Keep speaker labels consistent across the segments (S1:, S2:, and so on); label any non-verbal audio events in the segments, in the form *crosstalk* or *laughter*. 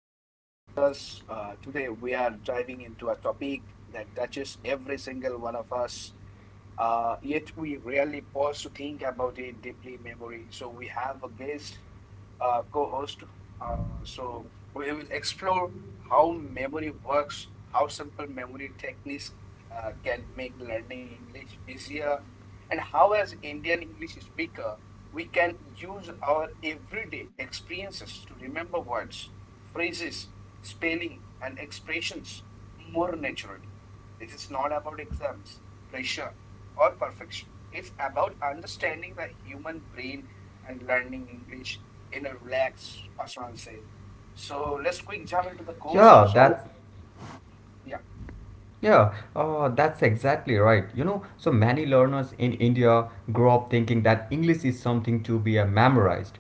S1: Welcome to the podcast. Today, we are diving into a topic that touches every single one of us, yet we rarely pause to think about it deeply in memory. So, we have a guest co-host. So we will explore how memory works, how simple memory techniques can make learning English easier, and how as Indian English speaker we can use our everyday experiences to remember words, phrases, spelling, and expressions more naturally. This is not about exams, pressure, or perfection. It's about understanding the human brain and learning English in a relaxed personal setting. So let's quick jump into the course.
S2: Yeah,
S1: So yeah,
S2: that's exactly right. You know, so many learners in India grow up thinking that English is something to be memorized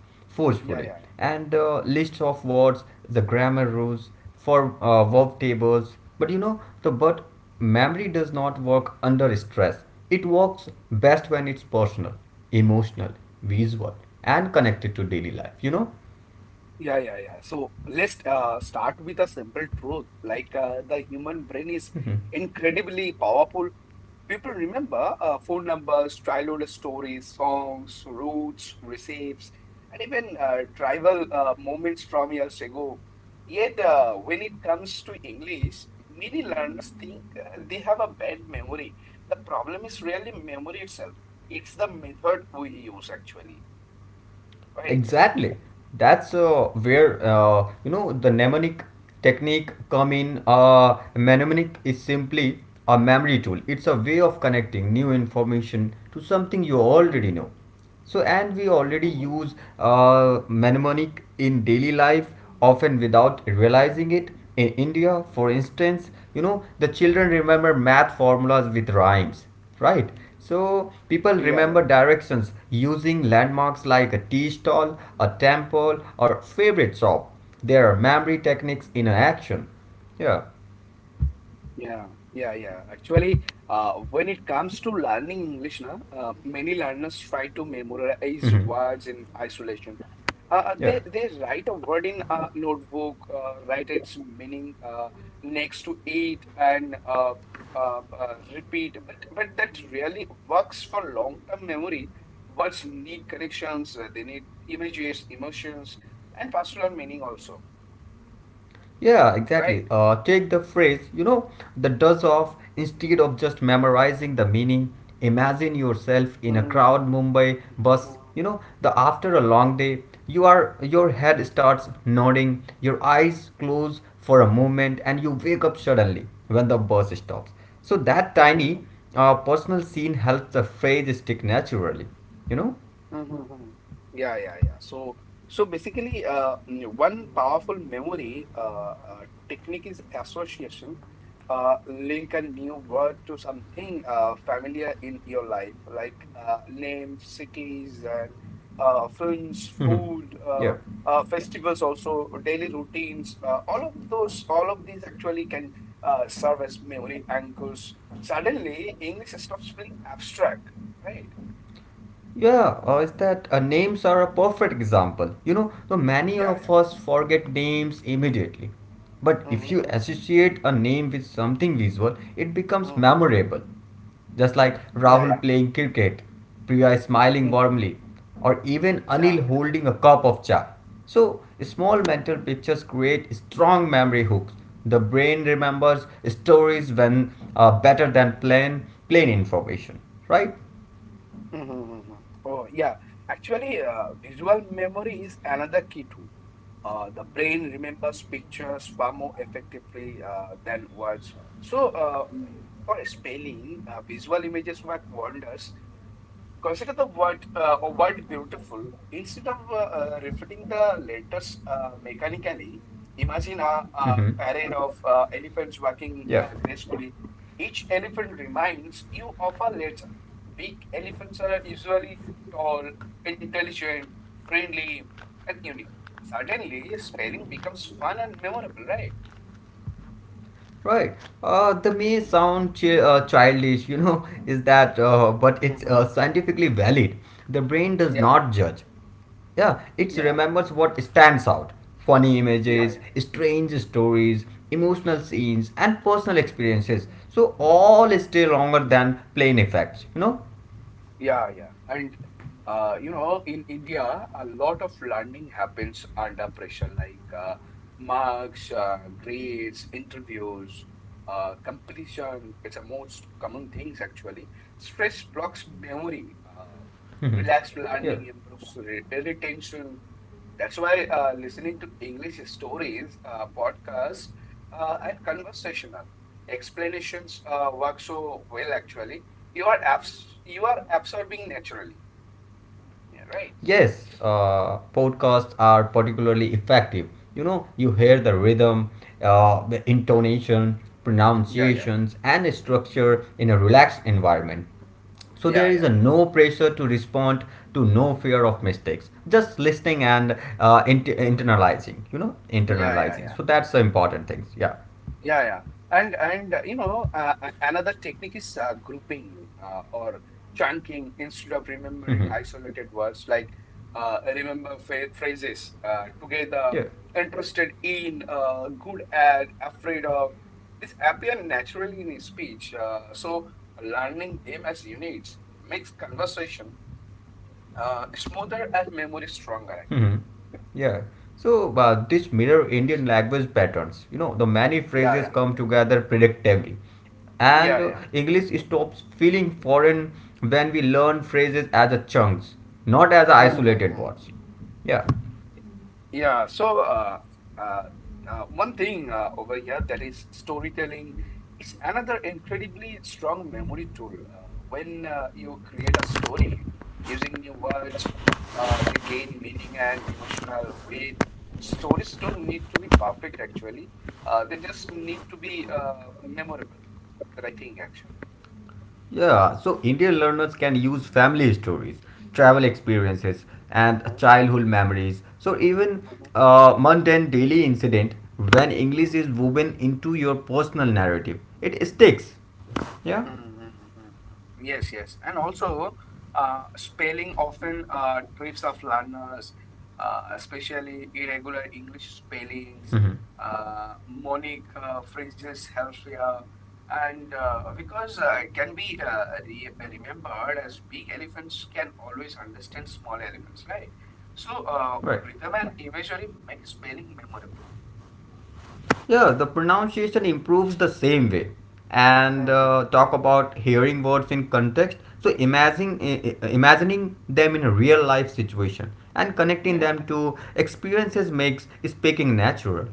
S1: Yeah,
S2: forcefully,
S1: yeah,
S2: and lists of words, the grammar rules for verb tables. But you know, the but memory does not work under stress. It works best when it's personal, emotional, visual, and connected to daily life. You
S1: Yeah, yeah, yeah. So let's start with a simple truth. The human brain is
S2: know. *laughs*
S1: incredibly powerful. People remember phone numbers, childhood stories, songs, routes, receipts, and even tribal moments from years ago. Yet, when it comes to English, many learners think they have a bad memory. The problem is really memory itself. It's the method we use actually, right?
S2: Exactly. That's where you know the mnemonic technique come in. Mnemonic is simply a memory tool. It's a way of connecting new information to something you already
S1: Mm-hmm.
S2: know. So, and we already
S1: Mm-hmm.
S2: use mnemonic in daily life, often without realizing it. In India, for instance, you know the children remember math formulas with rhymes. Right. So people
S1: Yeah,
S2: remember
S1: yeah.
S2: directions using landmarks like a tea stall, a temple, or favorite shop. There are memory techniques in action. Yeah.
S1: Yeah, yeah, yeah. Actually, when it comes to learning English, na, many learners try to memorize words
S2: *laughs*
S1: in isolation. Uh, uh, they,
S2: Yeah.
S1: they write a word in a notebook, write its meaning next to it, and repeat. But that really works for long-term memory. Words need connections, they need images, emotions, and pastoral meaning also,
S2: Yeah, exactly.
S1: right?
S2: Take the phrase, you know, the does of, instead of just memorizing the meaning, imagine yourself in a crowd
S1: Hmm.
S2: Mumbai bus, you know, the after a long day, your head starts nodding, your eyes close for a moment and you wake up suddenly when the bus stops. So that tiny personal scene helps the phrase stick naturally, you
S1: Yeah, yeah, yeah. So basically, one powerful memory technique is association. Link a new word to something familiar in your life, like names, cities, and films,
S2: know?
S1: food,
S2: *laughs* Yeah.
S1: festivals, also daily routines. All of these actually can serve as memory anchors. Suddenly, English stops being abstract, right?
S2: Yeah, is that names are a perfect example. You know, so many
S1: Yeah,
S2: of
S1: yeah.
S2: us forget names immediately. But if you associate a name with something visual, it becomes
S1: Mm-hmm.
S2: memorable. Just like
S1: Yeah,
S2: Rahul
S1: yeah,
S2: playing cricket, Priya smiling warmly, or even Anil
S1: yeah.
S2: holding a cup of chai. So, small mental pictures create strong memory hooks. The brain remembers stories when better than plain information, right?
S1: Hmm, hmm. Oh, yeah. Actually, visual memory is another key tool. The brain remembers pictures far more effectively than words. So, for spelling, visual images work wonders. Consider the word beautiful. Instead of referring the letters mechanically, imagine a
S2: Mm-hmm.
S1: parade of elephants walking
S2: Yeah.
S1: gracefully. Each elephant reminds you of a letter. Big elephants are usually tall, intelligent, friendly, and unique. Suddenly, spelling becomes fun and memorable, right?
S2: Right. The may sound childish, you know, *laughs* is that, but it's
S1: Hmm.
S2: scientifically valid. The brain does
S1: Yeah,
S2: not judge. Yeah, it
S1: Yeah, yeah, yeah, yeah,
S2: remembers what stands out: funny
S1: yeah. Yeah.
S2: images, strange stories, emotional scenes, and personal experiences. So, all stay longer than plain effects, you know?
S1: Yeah, yeah. And you know, in India, a lot of learning happens under pressure, like marks, grades, interviews, completion. It's the most common things actually. Stress blocks memory.
S2: *laughs*
S1: Relaxed
S2: Yeah.
S1: learning improves retention. That's why listening to English stories, podcasts, and conversational explanations work so well actually. You are absorbing naturally. Yeah, right.
S2: Yes, podcasts are particularly effective. You know, you hear the
S1: Hmm.
S2: rhythm, the intonation,
S1: Yeah, yeah,
S2: pronunciations, and structure in a relaxed environment. So there
S1: yeah,
S2: is a
S1: yeah, yeah,
S2: no pressure to respond to no fear of mistakes. Just listening and internalizing. You know,
S1: yeah, yeah,
S2: internalizing.
S1: yeah.
S2: So that's the important things. Yeah.
S1: Yeah, yeah. And you know another technique is grouping or chunking instead of remembering isolated words like remember fa phrases together,
S2: *laughs* Yeah.
S1: interested in, good at, afraid of. This appear naturally in speech. So learning them as units makes conversation smoother and memory stronger
S2: Mhm.
S1: actually.
S2: Yeah. So this mirror Indian language patterns. You know, the many phrases
S1: Yeah,
S2: come together predictably, and
S1: yeah. Yeah,
S2: English stops feeling foreign when we learn phrases as a chunks, not as a isolated
S1: yeah. *laughs*
S2: words. Yeah.
S1: Yeah, so uh, one thing over here that is storytelling is another incredibly strong memory tool. When you create a story using new words, they gain meaning and emotional weight. Stories don't need to be perfect, actually. They just need to be memorable, that I think, actually.
S2: Yeah, so Indian learners can use family stories, travel experiences, and
S1: Mhm.
S2: childhood memories. So even mundane daily incident, when English is woven into your personal narrative, it sticks. Yeah.
S1: Mm-hmm. Mm-hmm, mm-hmm. Yes, yes. And also, spelling often trips of learners, especially irregular English spellings.
S2: Mhm.
S1: Uh, monic phrases helps here. And because it can be re remembered as big elephants can always understand small elephants, right? So,
S2: Right.
S1: rhythm and imagery make spelling memorable.
S2: Yeah, the pronunciation improves the same way. And
S1: Mm-hmm.
S2: talk about hearing words in context. So imagining them in a real life situation and connecting
S1: Yeah.
S2: them to experiences makes speaking natural.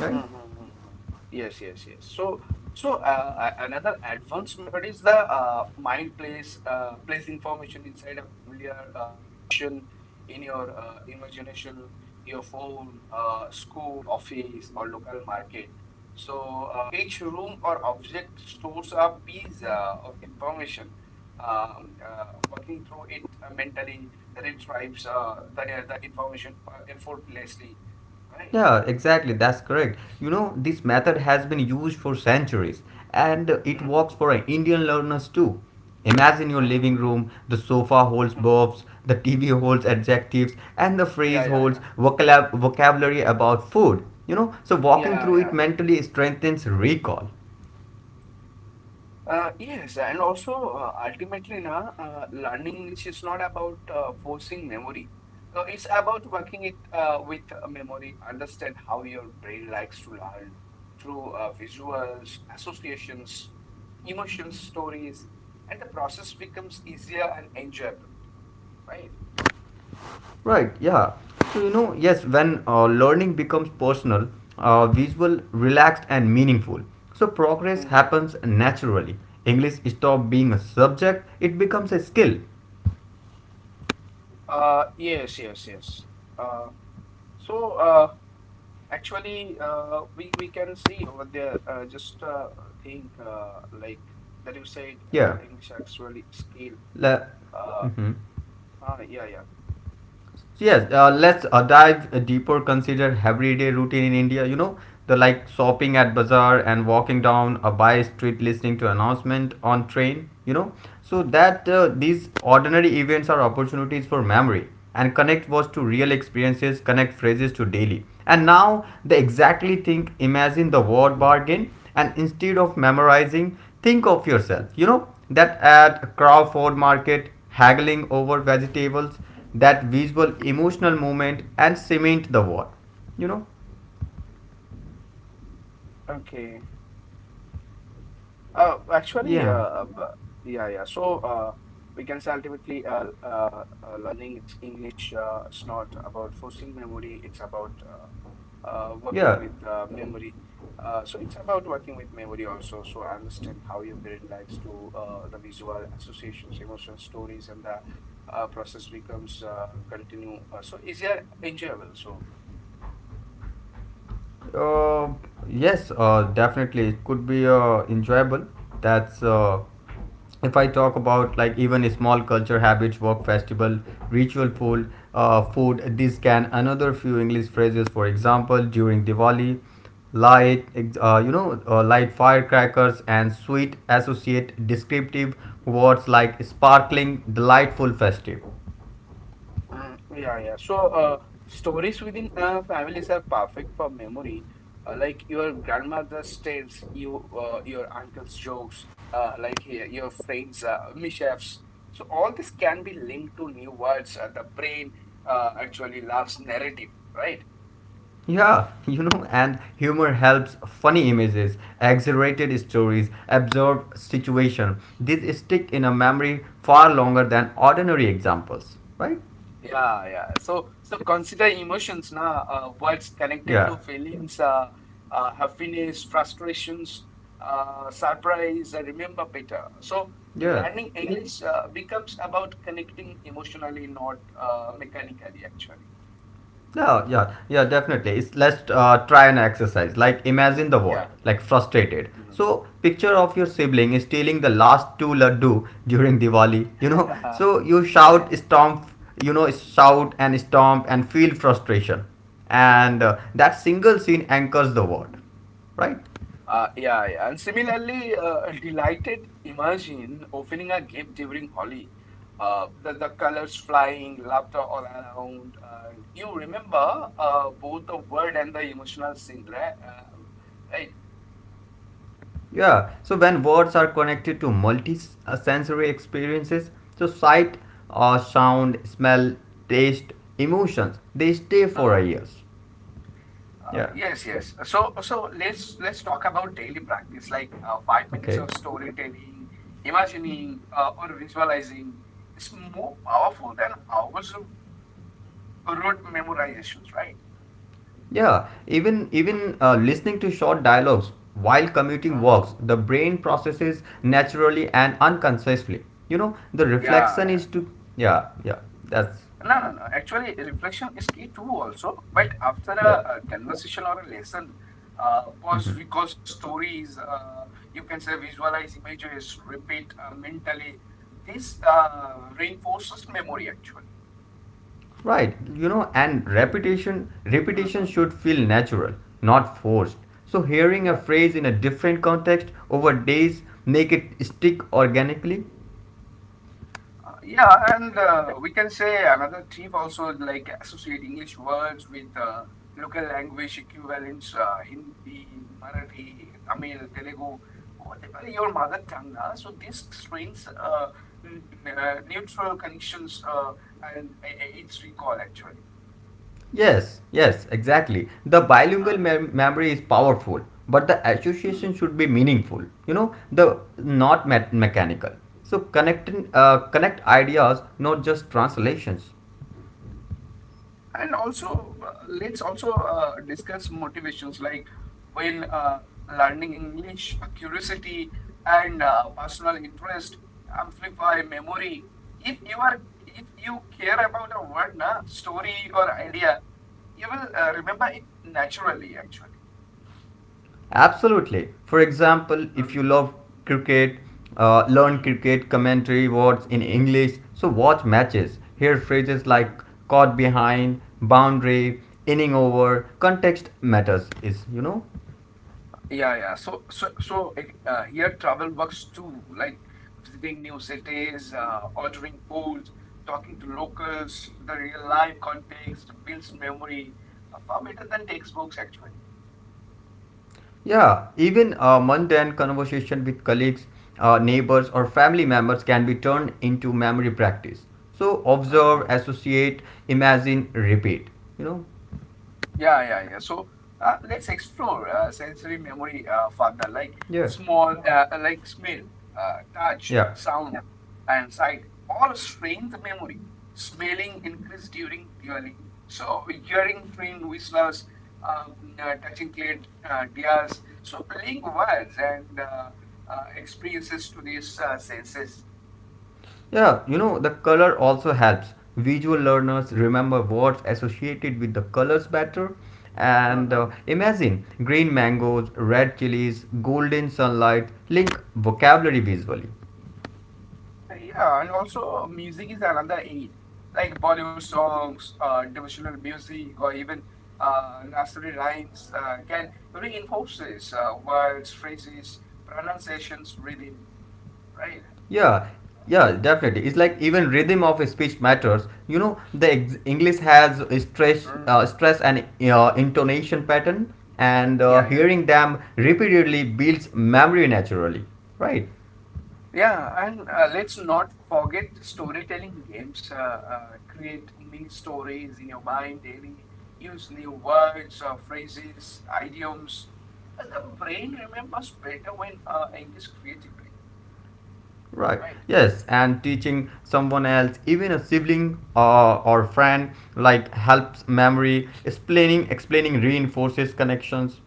S2: Right?
S1: Hmm, hmm, hmm, hmm. Yes, yes, yes. So another advanced method is the mind place information inside a familiar location in your imagination, your phone, school, office, or local market. So each room or object stores a piece of information. Working through it mentally retrieves the information effortlessly, right?
S2: Yeah, exactly. That's correct. You know, this method has been used for centuries and it works for Indian learners too. Imagine your living
S1: Hmm.
S2: room, the sofa holds
S1: Mhm.
S2: verbs, the TV holds adjectives, and the
S1: Yeah,
S2: phrase
S1: yeah, yeah,
S2: holds vocabulary about food. You know, so
S1: yeah,
S2: walking through
S1: yeah.
S2: it mentally strengthens recall.
S1: Yes, and also ultimately, na, learning English is not about forcing memory. It's about working it with memory, understand how your brain likes to learn through visuals, associations, emotions, stories, and the process becomes easier and enjoyable, right?
S2: Right, yeah. So, you know, yes, when learning becomes personal, visual, relaxed, and meaningful, so progress
S1: Mhm.
S2: happens naturally. English stops being a subject, it becomes a skill.
S1: Yes, yes, yes. Uh, so, uh, Actually, we can see over there. Just think like that you said
S2: Yeah.
S1: English actually skill.
S2: La-
S1: Uh,
S2: Mhm.
S1: huh, yeah, yeah.
S2: So, yes let's dive deeper. Consider everyday routine in India, you know, the like shopping at bazaar and walking down a by street, listening to announcement on train, you know. So that these ordinary events are opportunities for memory, and connect words to real experiences, connect phrases to daily, and now they exactly think, imagine the word bargain, and instead of memorizing, think of yourself, you know, that at Crawford Market, haggling over vegetables. That visual emotional moment and cement the war, you know.
S1: Okay. Uh, actually, uh,
S2: Yeah.
S1: uh, yeah, yeah. So we can say ultimately, uh, uh, learning English is not about forcing memory. It's about working
S2: Yeah,
S1: with memory. So it's about working with memory also. So understand how your brain likes to the visual associations, emotional stories, and the process becomes continue. So easier, enjoyable. So
S2: uh, yes, definitely it could be enjoyable. That's if I talk about, like even small culture habits, work festival, ritual food, this can another few English phrases. For example, during Diwali, light, ex- you know, light firecrackers and sweet, associate descriptive words like sparkling, delightful, festive.
S1: Mm, yeah, yeah. So, stories within families are perfect for memory. Like your grandmother's tales, your uncle's jokes, your friends' mishaps. So all this can be linked to new words. The brain actually loves narrative, right?
S2: Yeah, *laughs* you know, and humor helps: funny images, exaggerated stories, absurd situation. These stick in a memory far longer than ordinary examples, right?
S1: Yeah, yeah. So consider emotions na words connected to
S2: Yeah,
S1: feelings, happiness, frustrations, surprise. Uh, remember better. So,
S2: yeah,
S1: learning English becomes about connecting emotionally, not mechanically. Actually,
S2: yeah, yeah, yeah, definitely. Let's try an exercise. Like, imagine the word,
S1: yeah,
S2: like frustrated. So, picture of your sibling is stealing the last two laddu during Diwali, you know.
S1: *laughs*
S2: So, you
S1: yeah, yeah.
S2: shout, stomp, you know, shout and stomp and feel frustration. And
S1: Hmm.
S2: that single scene anchors the word, right?
S1: Yeah, yeah. And similarly, delighted imagine opening a gift during Holi. The colors flying, laughter all around. And you remember both the word and the emotional scene, right? Right.
S2: Yeah, so when words are connected to multi-sensory experiences, so sight, sound, smell, taste, emotions, they stay for our
S1: Uh,
S2: years. Yeah.
S1: yes, yes. So let's talk about daily practice, like 5 minutes
S2: Okay.
S1: of storytelling, imagining, or visualizing. It's more powerful than hours of rote memorizations, right?
S2: Yeah. Even listening to short dialogues while commuting
S1: Uh-huh.
S2: works, the brain processes naturally and unconsciously. You know, the
S1: Yeah,
S2: reflection
S1: yeah.
S2: is to yeah yeah that's
S1: No, no, no. Actually, reflection is key too, also. But after a,
S2: yeah.
S1: a conversation or a lesson, pause,
S2: Hmm.
S1: recall stories, you can say visualize images, repeat mentally. This reinforces memory, actually.
S2: Right, you know, and repetition
S1: Mm-hmm.
S2: should feel natural, not forced. So hearing a
S1: Yeah.
S2: phrase in a different context over days make it stick organically.
S1: Yeah, and we can say another tip also like associate English words with local language equivalents, Hindi, Marathi, Tamil, Telugu, whatever your mother tongue. So this strains n- neutral connections and its recall actually.
S2: Yes, yes, exactly. The bilingual memory is powerful, but the association should be meaningful. You know, the not mechanical. So connect ideas, not just translations.
S1: And also, let's also discuss motivations like when learning English, curiosity and personal interest amplify memory. If you care about a word, na, story or idea, you will remember it naturally. Actually.
S2: Absolutely. For example, if you
S1: Hmm.
S2: love cricket, learn
S1: Hmm.
S2: cricket commentary words in English. So watch matches. Hear phrases
S1: Hmm.
S2: like caught behind, boundary, inning over. Context matters. Is you know.
S1: Yeah, yeah. So here travel works too, like visiting new cities, ordering food, talking to locals. The real life context builds memory, far better than textbooks, actually.
S2: Yeah, even a mundane conversation with colleagues, neighbors, or family members can be turned into memory practice. So observe, associate, imagine, repeat. You know.
S1: Yeah, yeah, yeah. So let's explore sensory memory further, like
S2: Yeah.
S1: small, like smell, touch,
S2: Yeah.
S1: sound, and sight, all strength memory. Smelling increase during hearing. So hearing train whistlers, um, touching clay tears. So link words and experiences to these senses.
S2: Yeah, you know, the color also helps. Visual learners remember words associated with the colors better. And imagine green mangoes, red chilies, golden sunlight, link vocabulary visually.
S1: Yeah, and also music is another aid, like Bollywood songs, devotional music, or even nursery rhymes can reinforces words, phrases, pronunciations, rhythm, right?
S2: Yeah, yeah, definitely. It's like even rhythm of speech matters. You know, the English has a stress,
S1: Mm,
S2: uh, stress and intonation pattern, and
S1: yeah, yeah,
S2: hearing them repeatedly builds memory naturally, right?
S1: yeah. And let's not forget storytelling games. Create mini stories in your mind daily. Use new words, phrases, idioms. And the brain remembers better when engaged creatively.
S2: Right.
S1: Right.
S2: Yes, and teaching someone else, even a sibling or friend, like helps memory. Explaining reinforces connections.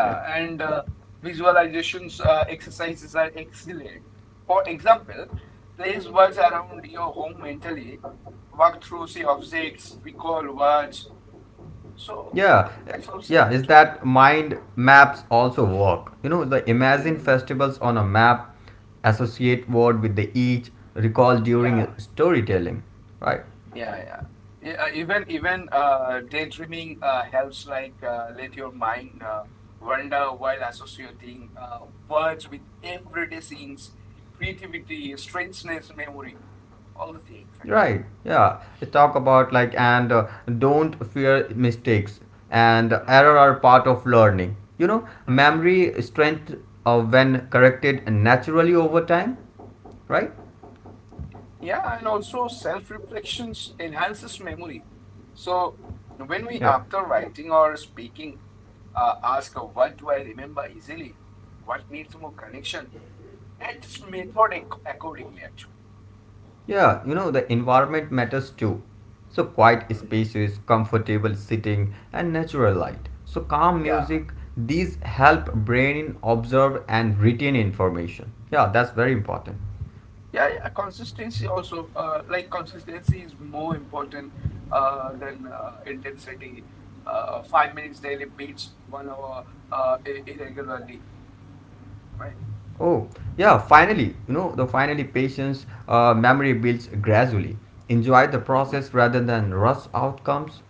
S2: Yeah,
S1: and visualizations exercises are excellent. For example, place words around your home mentally. Work through the objects, recall words. So
S2: yeah,
S1: that's all said
S2: yeah. Is
S1: actually.
S2: that mind maps also work? You know, the imagine
S1: Mhm.
S2: festivals on a map, associate word with the each, recall
S1: Yeah.
S2: during storytelling. Right.
S1: Yeah, yeah. Yeah, even daydreaming helps like let your mind wander while associating words with everyday scenes, creativity, strangeness, memory, all the things actually.
S2: Right. Yeah. Let's talk about, like and don't fear mistakes, and error
S1: Hmm.
S2: are part of learning. You know,
S1: Hmm.
S2: memory strength when corrected naturally over time, right?
S1: Yeah, and also self-reflections enhances memory. So when we,
S2: Yeah.
S1: after writing or speaking, ask what do I remember easily, what needs more connection, and just method accordingly actually.
S2: Yeah, you know, the environment matters too. So quiet
S1: Mhm.
S2: spaces, comfortable sitting and natural light. So calm
S1: Yeah.
S2: music, these help brain observe and retain information. Yeah, that's very important.
S1: Yeah, yeah. Consistency also, like consistency is more important than intensity. 5 minutes daily beats 1 hour irregularly, right?
S2: Oh, yeah, finally, you know, the finally patience, memory builds gradually. Enjoy the process
S1: Mhm.
S2: rather than rush outcomes,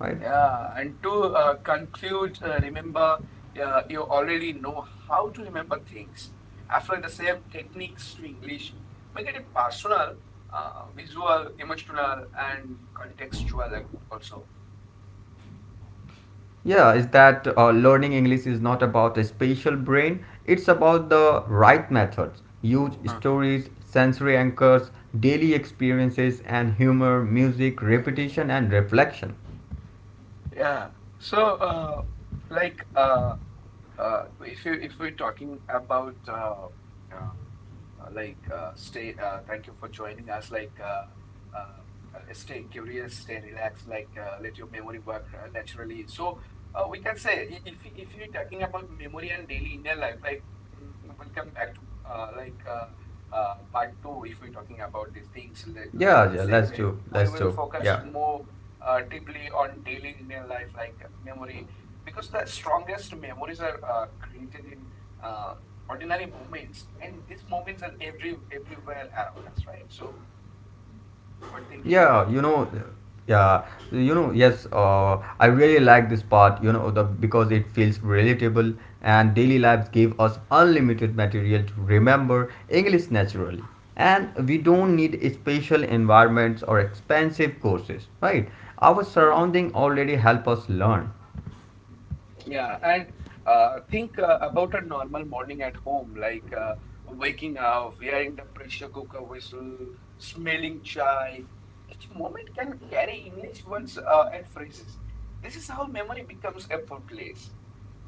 S2: right?
S1: Yeah, and to conclude, remember, you already know how to remember things. Apply the same techniques to English. Make it personal, visual, emotional, and contextual also.
S2: Yeah, is that learning English is not about a spatial brain, it's about the right methods. Use stories, sensory anchors, daily experiences, and humor, music, repetition, and reflection.
S1: Yeah. So, like, uh, if you if we're talking about thank you for joining us. Stay curious, stay relaxed. Let your memory work naturally. We can say if you're talking about memory and daily inner life, mm, welcome back to uh, like. Uh, part two. If we're talking about these things, like in
S2: Yeah, yeah,
S1: this segment, we
S2: let's
S1: will
S2: do,
S1: focus
S2: yeah.
S1: more deeply on daily Indian life, like memory, because the strongest memories are created in uh, ordinary moments, and these moments are everywhere around us, right? So we're thinking
S2: Yeah,
S1: about it.
S2: yeah, yes, I really like this part, you know, the because it feels relatable, and daily lives give us unlimited material to remember English naturally. And we don't
S1: Mhm,
S2: need special environments or expensive courses, right? Our
S1: mhm.
S2: surrounding already help us learn.
S1: Yeah, and think about a normal morning at home, like waking up, hearing the pressure cooker whistle, smelling chai. Each moment can carry English words and phrases. This is how memory becomes effortless.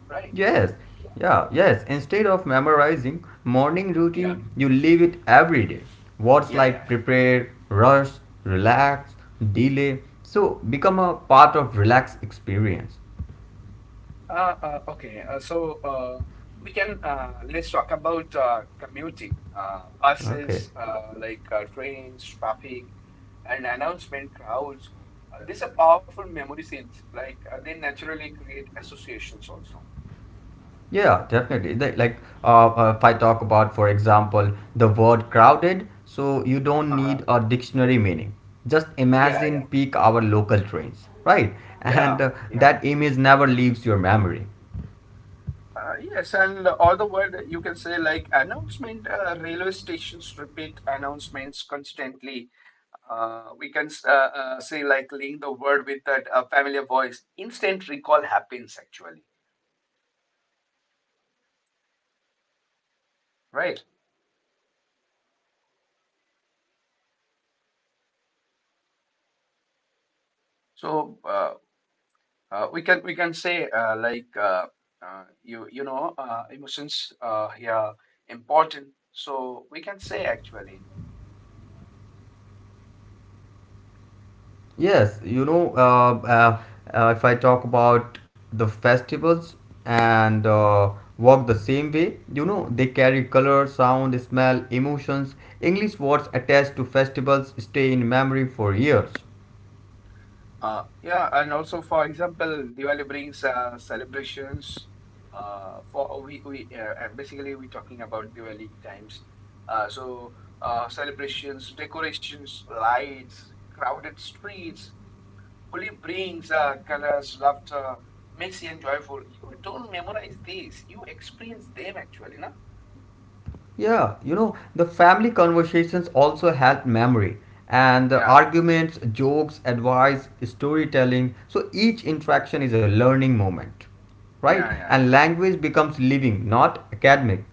S1: Right.
S2: Yes, yeah, yes. Instead of memorizing morning
S1: Yeah.
S2: routine, you live it every day. Words
S1: Yeah. Yeah.
S2: like
S1: Yeah.
S2: prepare, rush, relax, delay. So become a part of relax experience.
S1: Okay. So we can Let's talk about commuting,
S2: Okay.
S1: buses, trains, traffic, and announcement crowds. These are powerful memory scenes. Like they naturally create associations also.
S2: Yeah, definitely. If I talk about, for example, the word crowded, so you don't need
S1: Uh,
S2: a dictionary meaning. Just
S1: yeah,
S2: imagine
S1: yeah,
S2: peak hour local trains, right? And
S1: yeah. Yeah, right.
S2: that image never leaves your memory.
S1: Yes, and all the word you can say like announcement, railway stations repeat announcements constantly. We can Say like link the word with that familiar voice. Instant
S2: Hello.
S1: recall happens
S2: Yes.
S1: actually,
S2: So
S1: right?
S2: Hello. Is that
S1: So we can say you know emotions here important. So we can say actually.
S2: yes? You know, if I talk about the festivals and walk the same way, you know, they carry color, sound, smell, emotions. English words attached to festivals stay in memory for years.
S1: Yeah, and also for example, Diwali brings celebrations. For we Basically we're talking about Diwali times. Uh, so Celebrations, decorations, lights, crowded streets. Holi brings colors, laughter, makes you joyful. You don't memorize these; you experience them actually, no?
S2: Yeah, you know, the family conversations also help memory, and the
S1: Yeah,
S2: arguments, jokes, advice, storytelling. So each interaction is a learning moment, right?
S1: yeah, yeah,
S2: And
S1: yeah.
S2: language becomes living, not academic,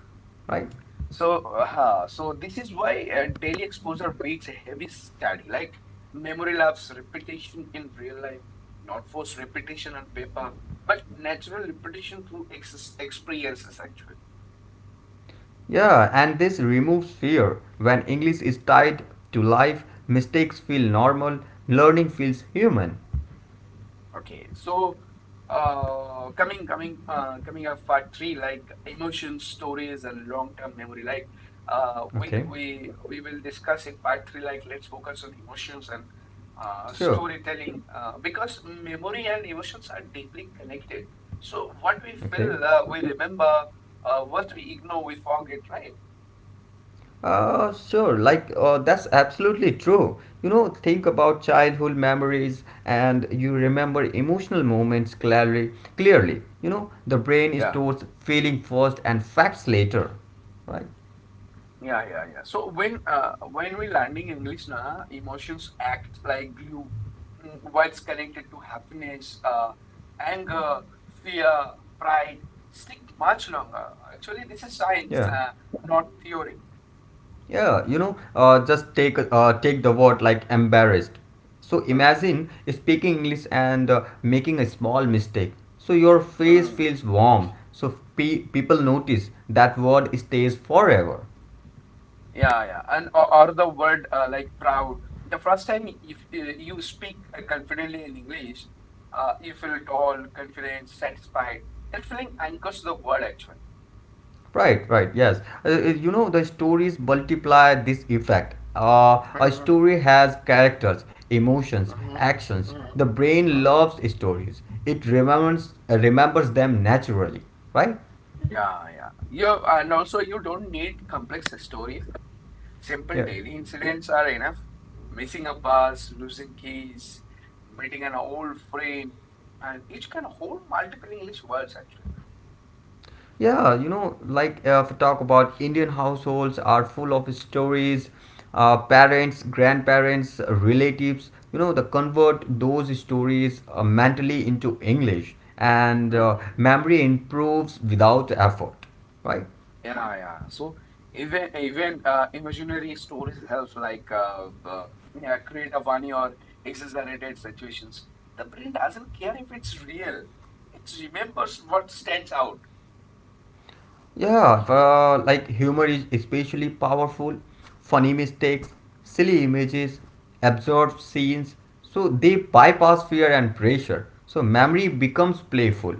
S2: right?
S1: So this is why daily exposure beats a heavy study. Like memory lapse, repetition in real life, not forced repetition on paper, but natural repetition through ex experiences actually.
S2: Yeah, and this removes fear. When English is tied to life, mistakes feel normal, learning feels human.
S1: Okay, so coming up part three, like emotions, stories, and long-term memory. Like uh, we
S2: Okay,
S1: we we will discuss in part three. Like let's focus on emotions and
S2: sure.
S1: storytelling because memory and emotions are deeply connected. So what we feel,
S2: Okay.
S1: we remember. What we ignore, we forget. Right?
S2: Sure. Like, that's absolutely true. You know, think about childhood memories and you remember emotional moments clearly. Clearly, you know, the brain
S1: Yeah.
S2: stores feeling first and facts later, right?
S1: Yeah, yeah, yeah. So when we learning English, na, emotions act like glue. What's connected to happiness, anger, fear, pride stick much longer. Actually, this is science,
S2: Yeah.
S1: not theory.
S2: Yeah, you know, just take take the word like embarrassed. So
S1: Hmm.
S2: imagine speaking English and making a small mistake. So your face
S1: Mm.
S2: feels warm. So people notice, that word stays forever.
S1: Yeah, yeah. Or the word like proud. The first time if you speak confidently in English, you feel tall, confident, satisfied. That feeling anchors the word actually.
S2: Right, right, yes. You know, the stories multiply this effect. A story has characters, emotions,
S1: Mhm,
S2: actions.
S1: mhm,
S2: The brain
S1: mhm.
S2: loves stories. It remembers them naturally, right?
S1: Yeah, yeah. You and also you don't need complex stories. Simple
S2: Yeah.
S1: daily incidents are enough. Missing a bus, losing keys, meeting an old friend, and each can hold multiple English words actually.
S2: Yeah, you know, like if we talk about Indian households are full of stories, parents, grandparents, relatives, you know, the convert those stories mentally into English and
S1: Mhm.
S2: memory improves without effort, right?
S1: Yeah, yeah. So even imaginary stories help like yeah, create a funny or exaggerated situations. The brain doesn't care if it's real. It remembers what stands out.
S2: Yeah, like humor is especially powerful: funny mistakes, silly images, absurd scenes, so they bypass fear and pressure. So memory becomes playful.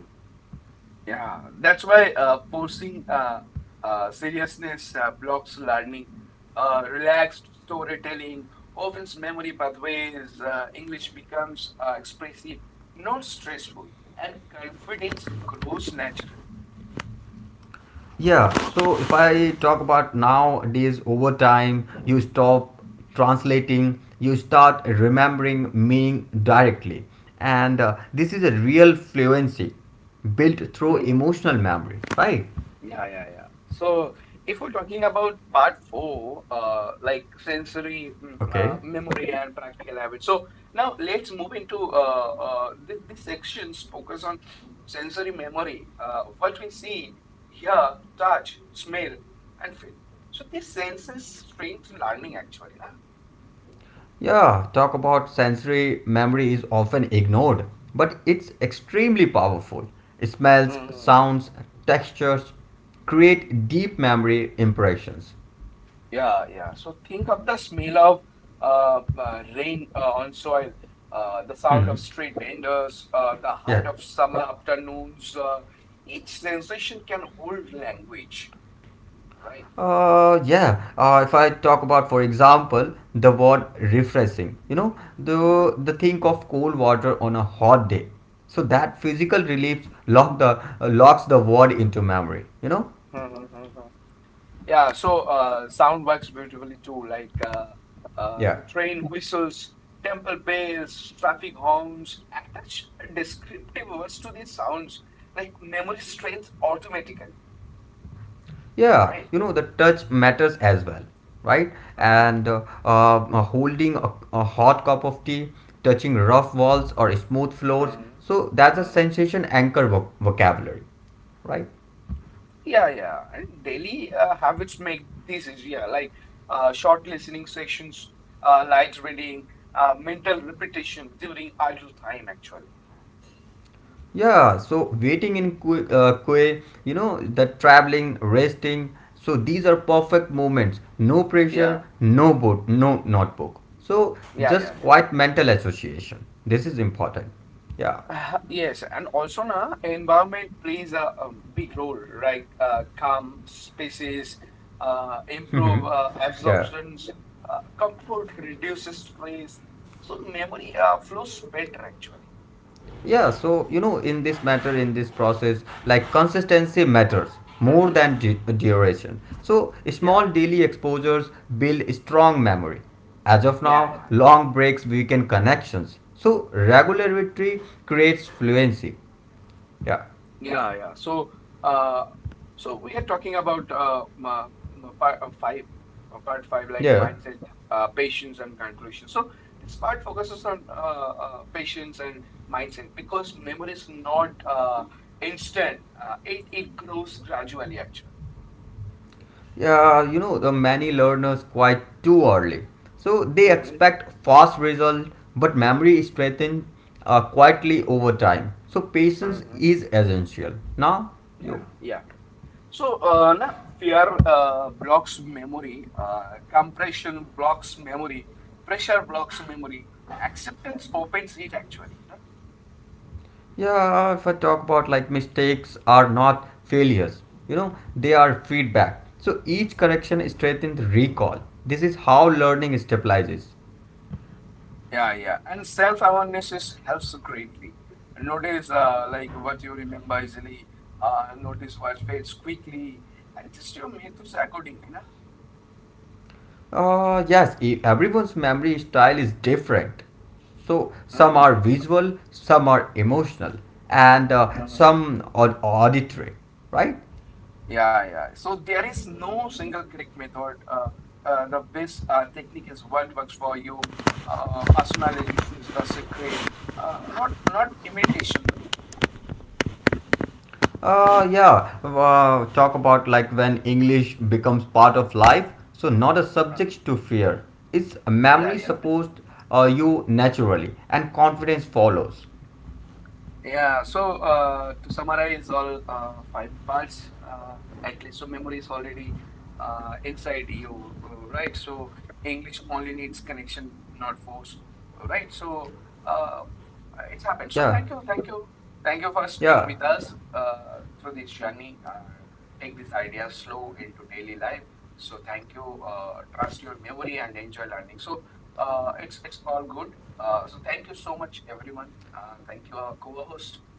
S1: Yeah, that's why forcing seriousness blocks learning. Relaxed storytelling opens memory pathways. English becomes expressive, not stressful, and confidence grows naturally.
S2: Yeah, so if I talk about nowadays, over time, you stop translating, you start remembering meaning directly. And this is a real fluency built through emotional memory, right?
S1: Yeah, yeah, yeah. So if we're talking about part four, like sensory
S2: Okay.
S1: memory and practical habits. So now let's move into this section's focus on sensory memory, what we see, hear, touch, smell, and feel. So this senses strength learning actually,
S2: Yeah, talk about sensory memory is often ignored, but it's extremely powerful. Smells,
S1: na?
S2: sounds, textures create deep memory impressions.
S1: Yeah, yeah. So think of the smell of rain on soil, the sound
S2: Mhm.
S1: of street vendors, the
S2: Yeah,
S1: heart of summer afternoons. Each sensation can hold language, right?
S2: Yeah. If I talk about, for example, the word refreshing, you know, the
S1: Hmm.
S2: the think of cool water on a hot day. So that physical relief locks the word into memory. You know,
S1: Yeah, so sound works beautifully too, like
S2: yeah,
S1: the train whistles, temple bells, traffic horns. Attach descriptive words to these sounds, like memory strength automatically,
S2: yeah.
S1: right?
S2: You know, the touch matters as well, right? And holding a hot cup of tea, touching rough walls or smooth floors.
S1: Mm,
S2: So that's a
S1: mm.
S2: sensation anchor vocabulary, right?
S1: Yeah, yeah. And daily habits make this easier, like short listening sessions, light reading, mental repetition during idle time, actually.
S2: Yeah, so waiting in queue, you know, the traveling, resting. So these are perfect moments. No pressure,
S1: Yeah,
S2: no boat, no notebook. So
S1: yeah,
S2: just
S1: yeah, yeah.
S2: quiet mental association. This is important. Yeah.
S1: Yes, and also na environment plays a big role, right? Calm spaces, improve
S2: *laughs* Yeah.
S1: absorptions, comfort reduces stress, so memory flows better actually.
S2: Yeah, so you know, in this matter, in this process, like consistency matters more
S1: Mm-hmm.
S2: than duration. So, small
S1: Yeah,
S2: daily exposures build strong memory. As of
S1: yeah,
S2: now,
S1: yeah, yeah.
S2: long breaks weaken connections. So, regularity creates fluency. Yeah,
S1: Yeah, yeah. Uh, so we are talking about ma- part uh, five, part five, like
S2: yeah,
S1: mindset, patience, and conclusion. So this part focuses on patience and mindset because memory is not instant. It grows gradually, actually.
S2: yeah. You know, the many learners quite too early. So, they
S1: Mm-hmm.
S2: expect fast result, but memory is strengthened quietly over time. So, patience
S1: Mm-hmm.
S2: is essential. Now,
S1: Yeah,
S2: you.
S1: yeah. So, na, fear blocks memory, compression blocks memory, pressure blocks memory, acceptance opens it actually. Na?
S2: Yeah, if I talk about like mistakes are not failures, you know, they are feedback. So each correction strengthens recall. This is how learning stabilizes.
S1: Yeah, yeah. And self awareness is helps greatly. Notice like what you remember easily, notice what fades quickly, adjust your methods accordingly.
S2: Yes, everyone's memory style is different. So some are
S1: Na?
S2: visual, some are emotional, and some are auditory, right?
S1: Yeah, yeah. So there is no single correct method. The best technique is what works for you. Personalization is the secret. Not imitation.
S2: Yeah, talk about like when English becomes part of life, so not a subject to fear. It's a
S1: Yeah,
S2: memory
S1: yeah.
S2: supposed you naturally, and confidence follows.
S1: Yeah, so to summarize all five parts, at least so memory is already inside you, right? So English only needs connection, not force, right? So uh, it happened. So
S2: Yeah,
S1: thank you, thank you, thank you for staying
S2: yeah.
S1: with us through this journey. Take this idea slow into daily life. So thank you. Trust your memory and enjoy learning. So it's all good. So thank you so much, everyone. Thank you, our co-host.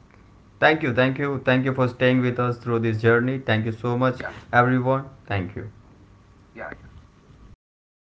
S2: Thank you, thank you, thank you for staying with us through this journey. Thank you so much,
S1: Yeah,
S2: everyone. Thank you.
S1: yeah, yeah.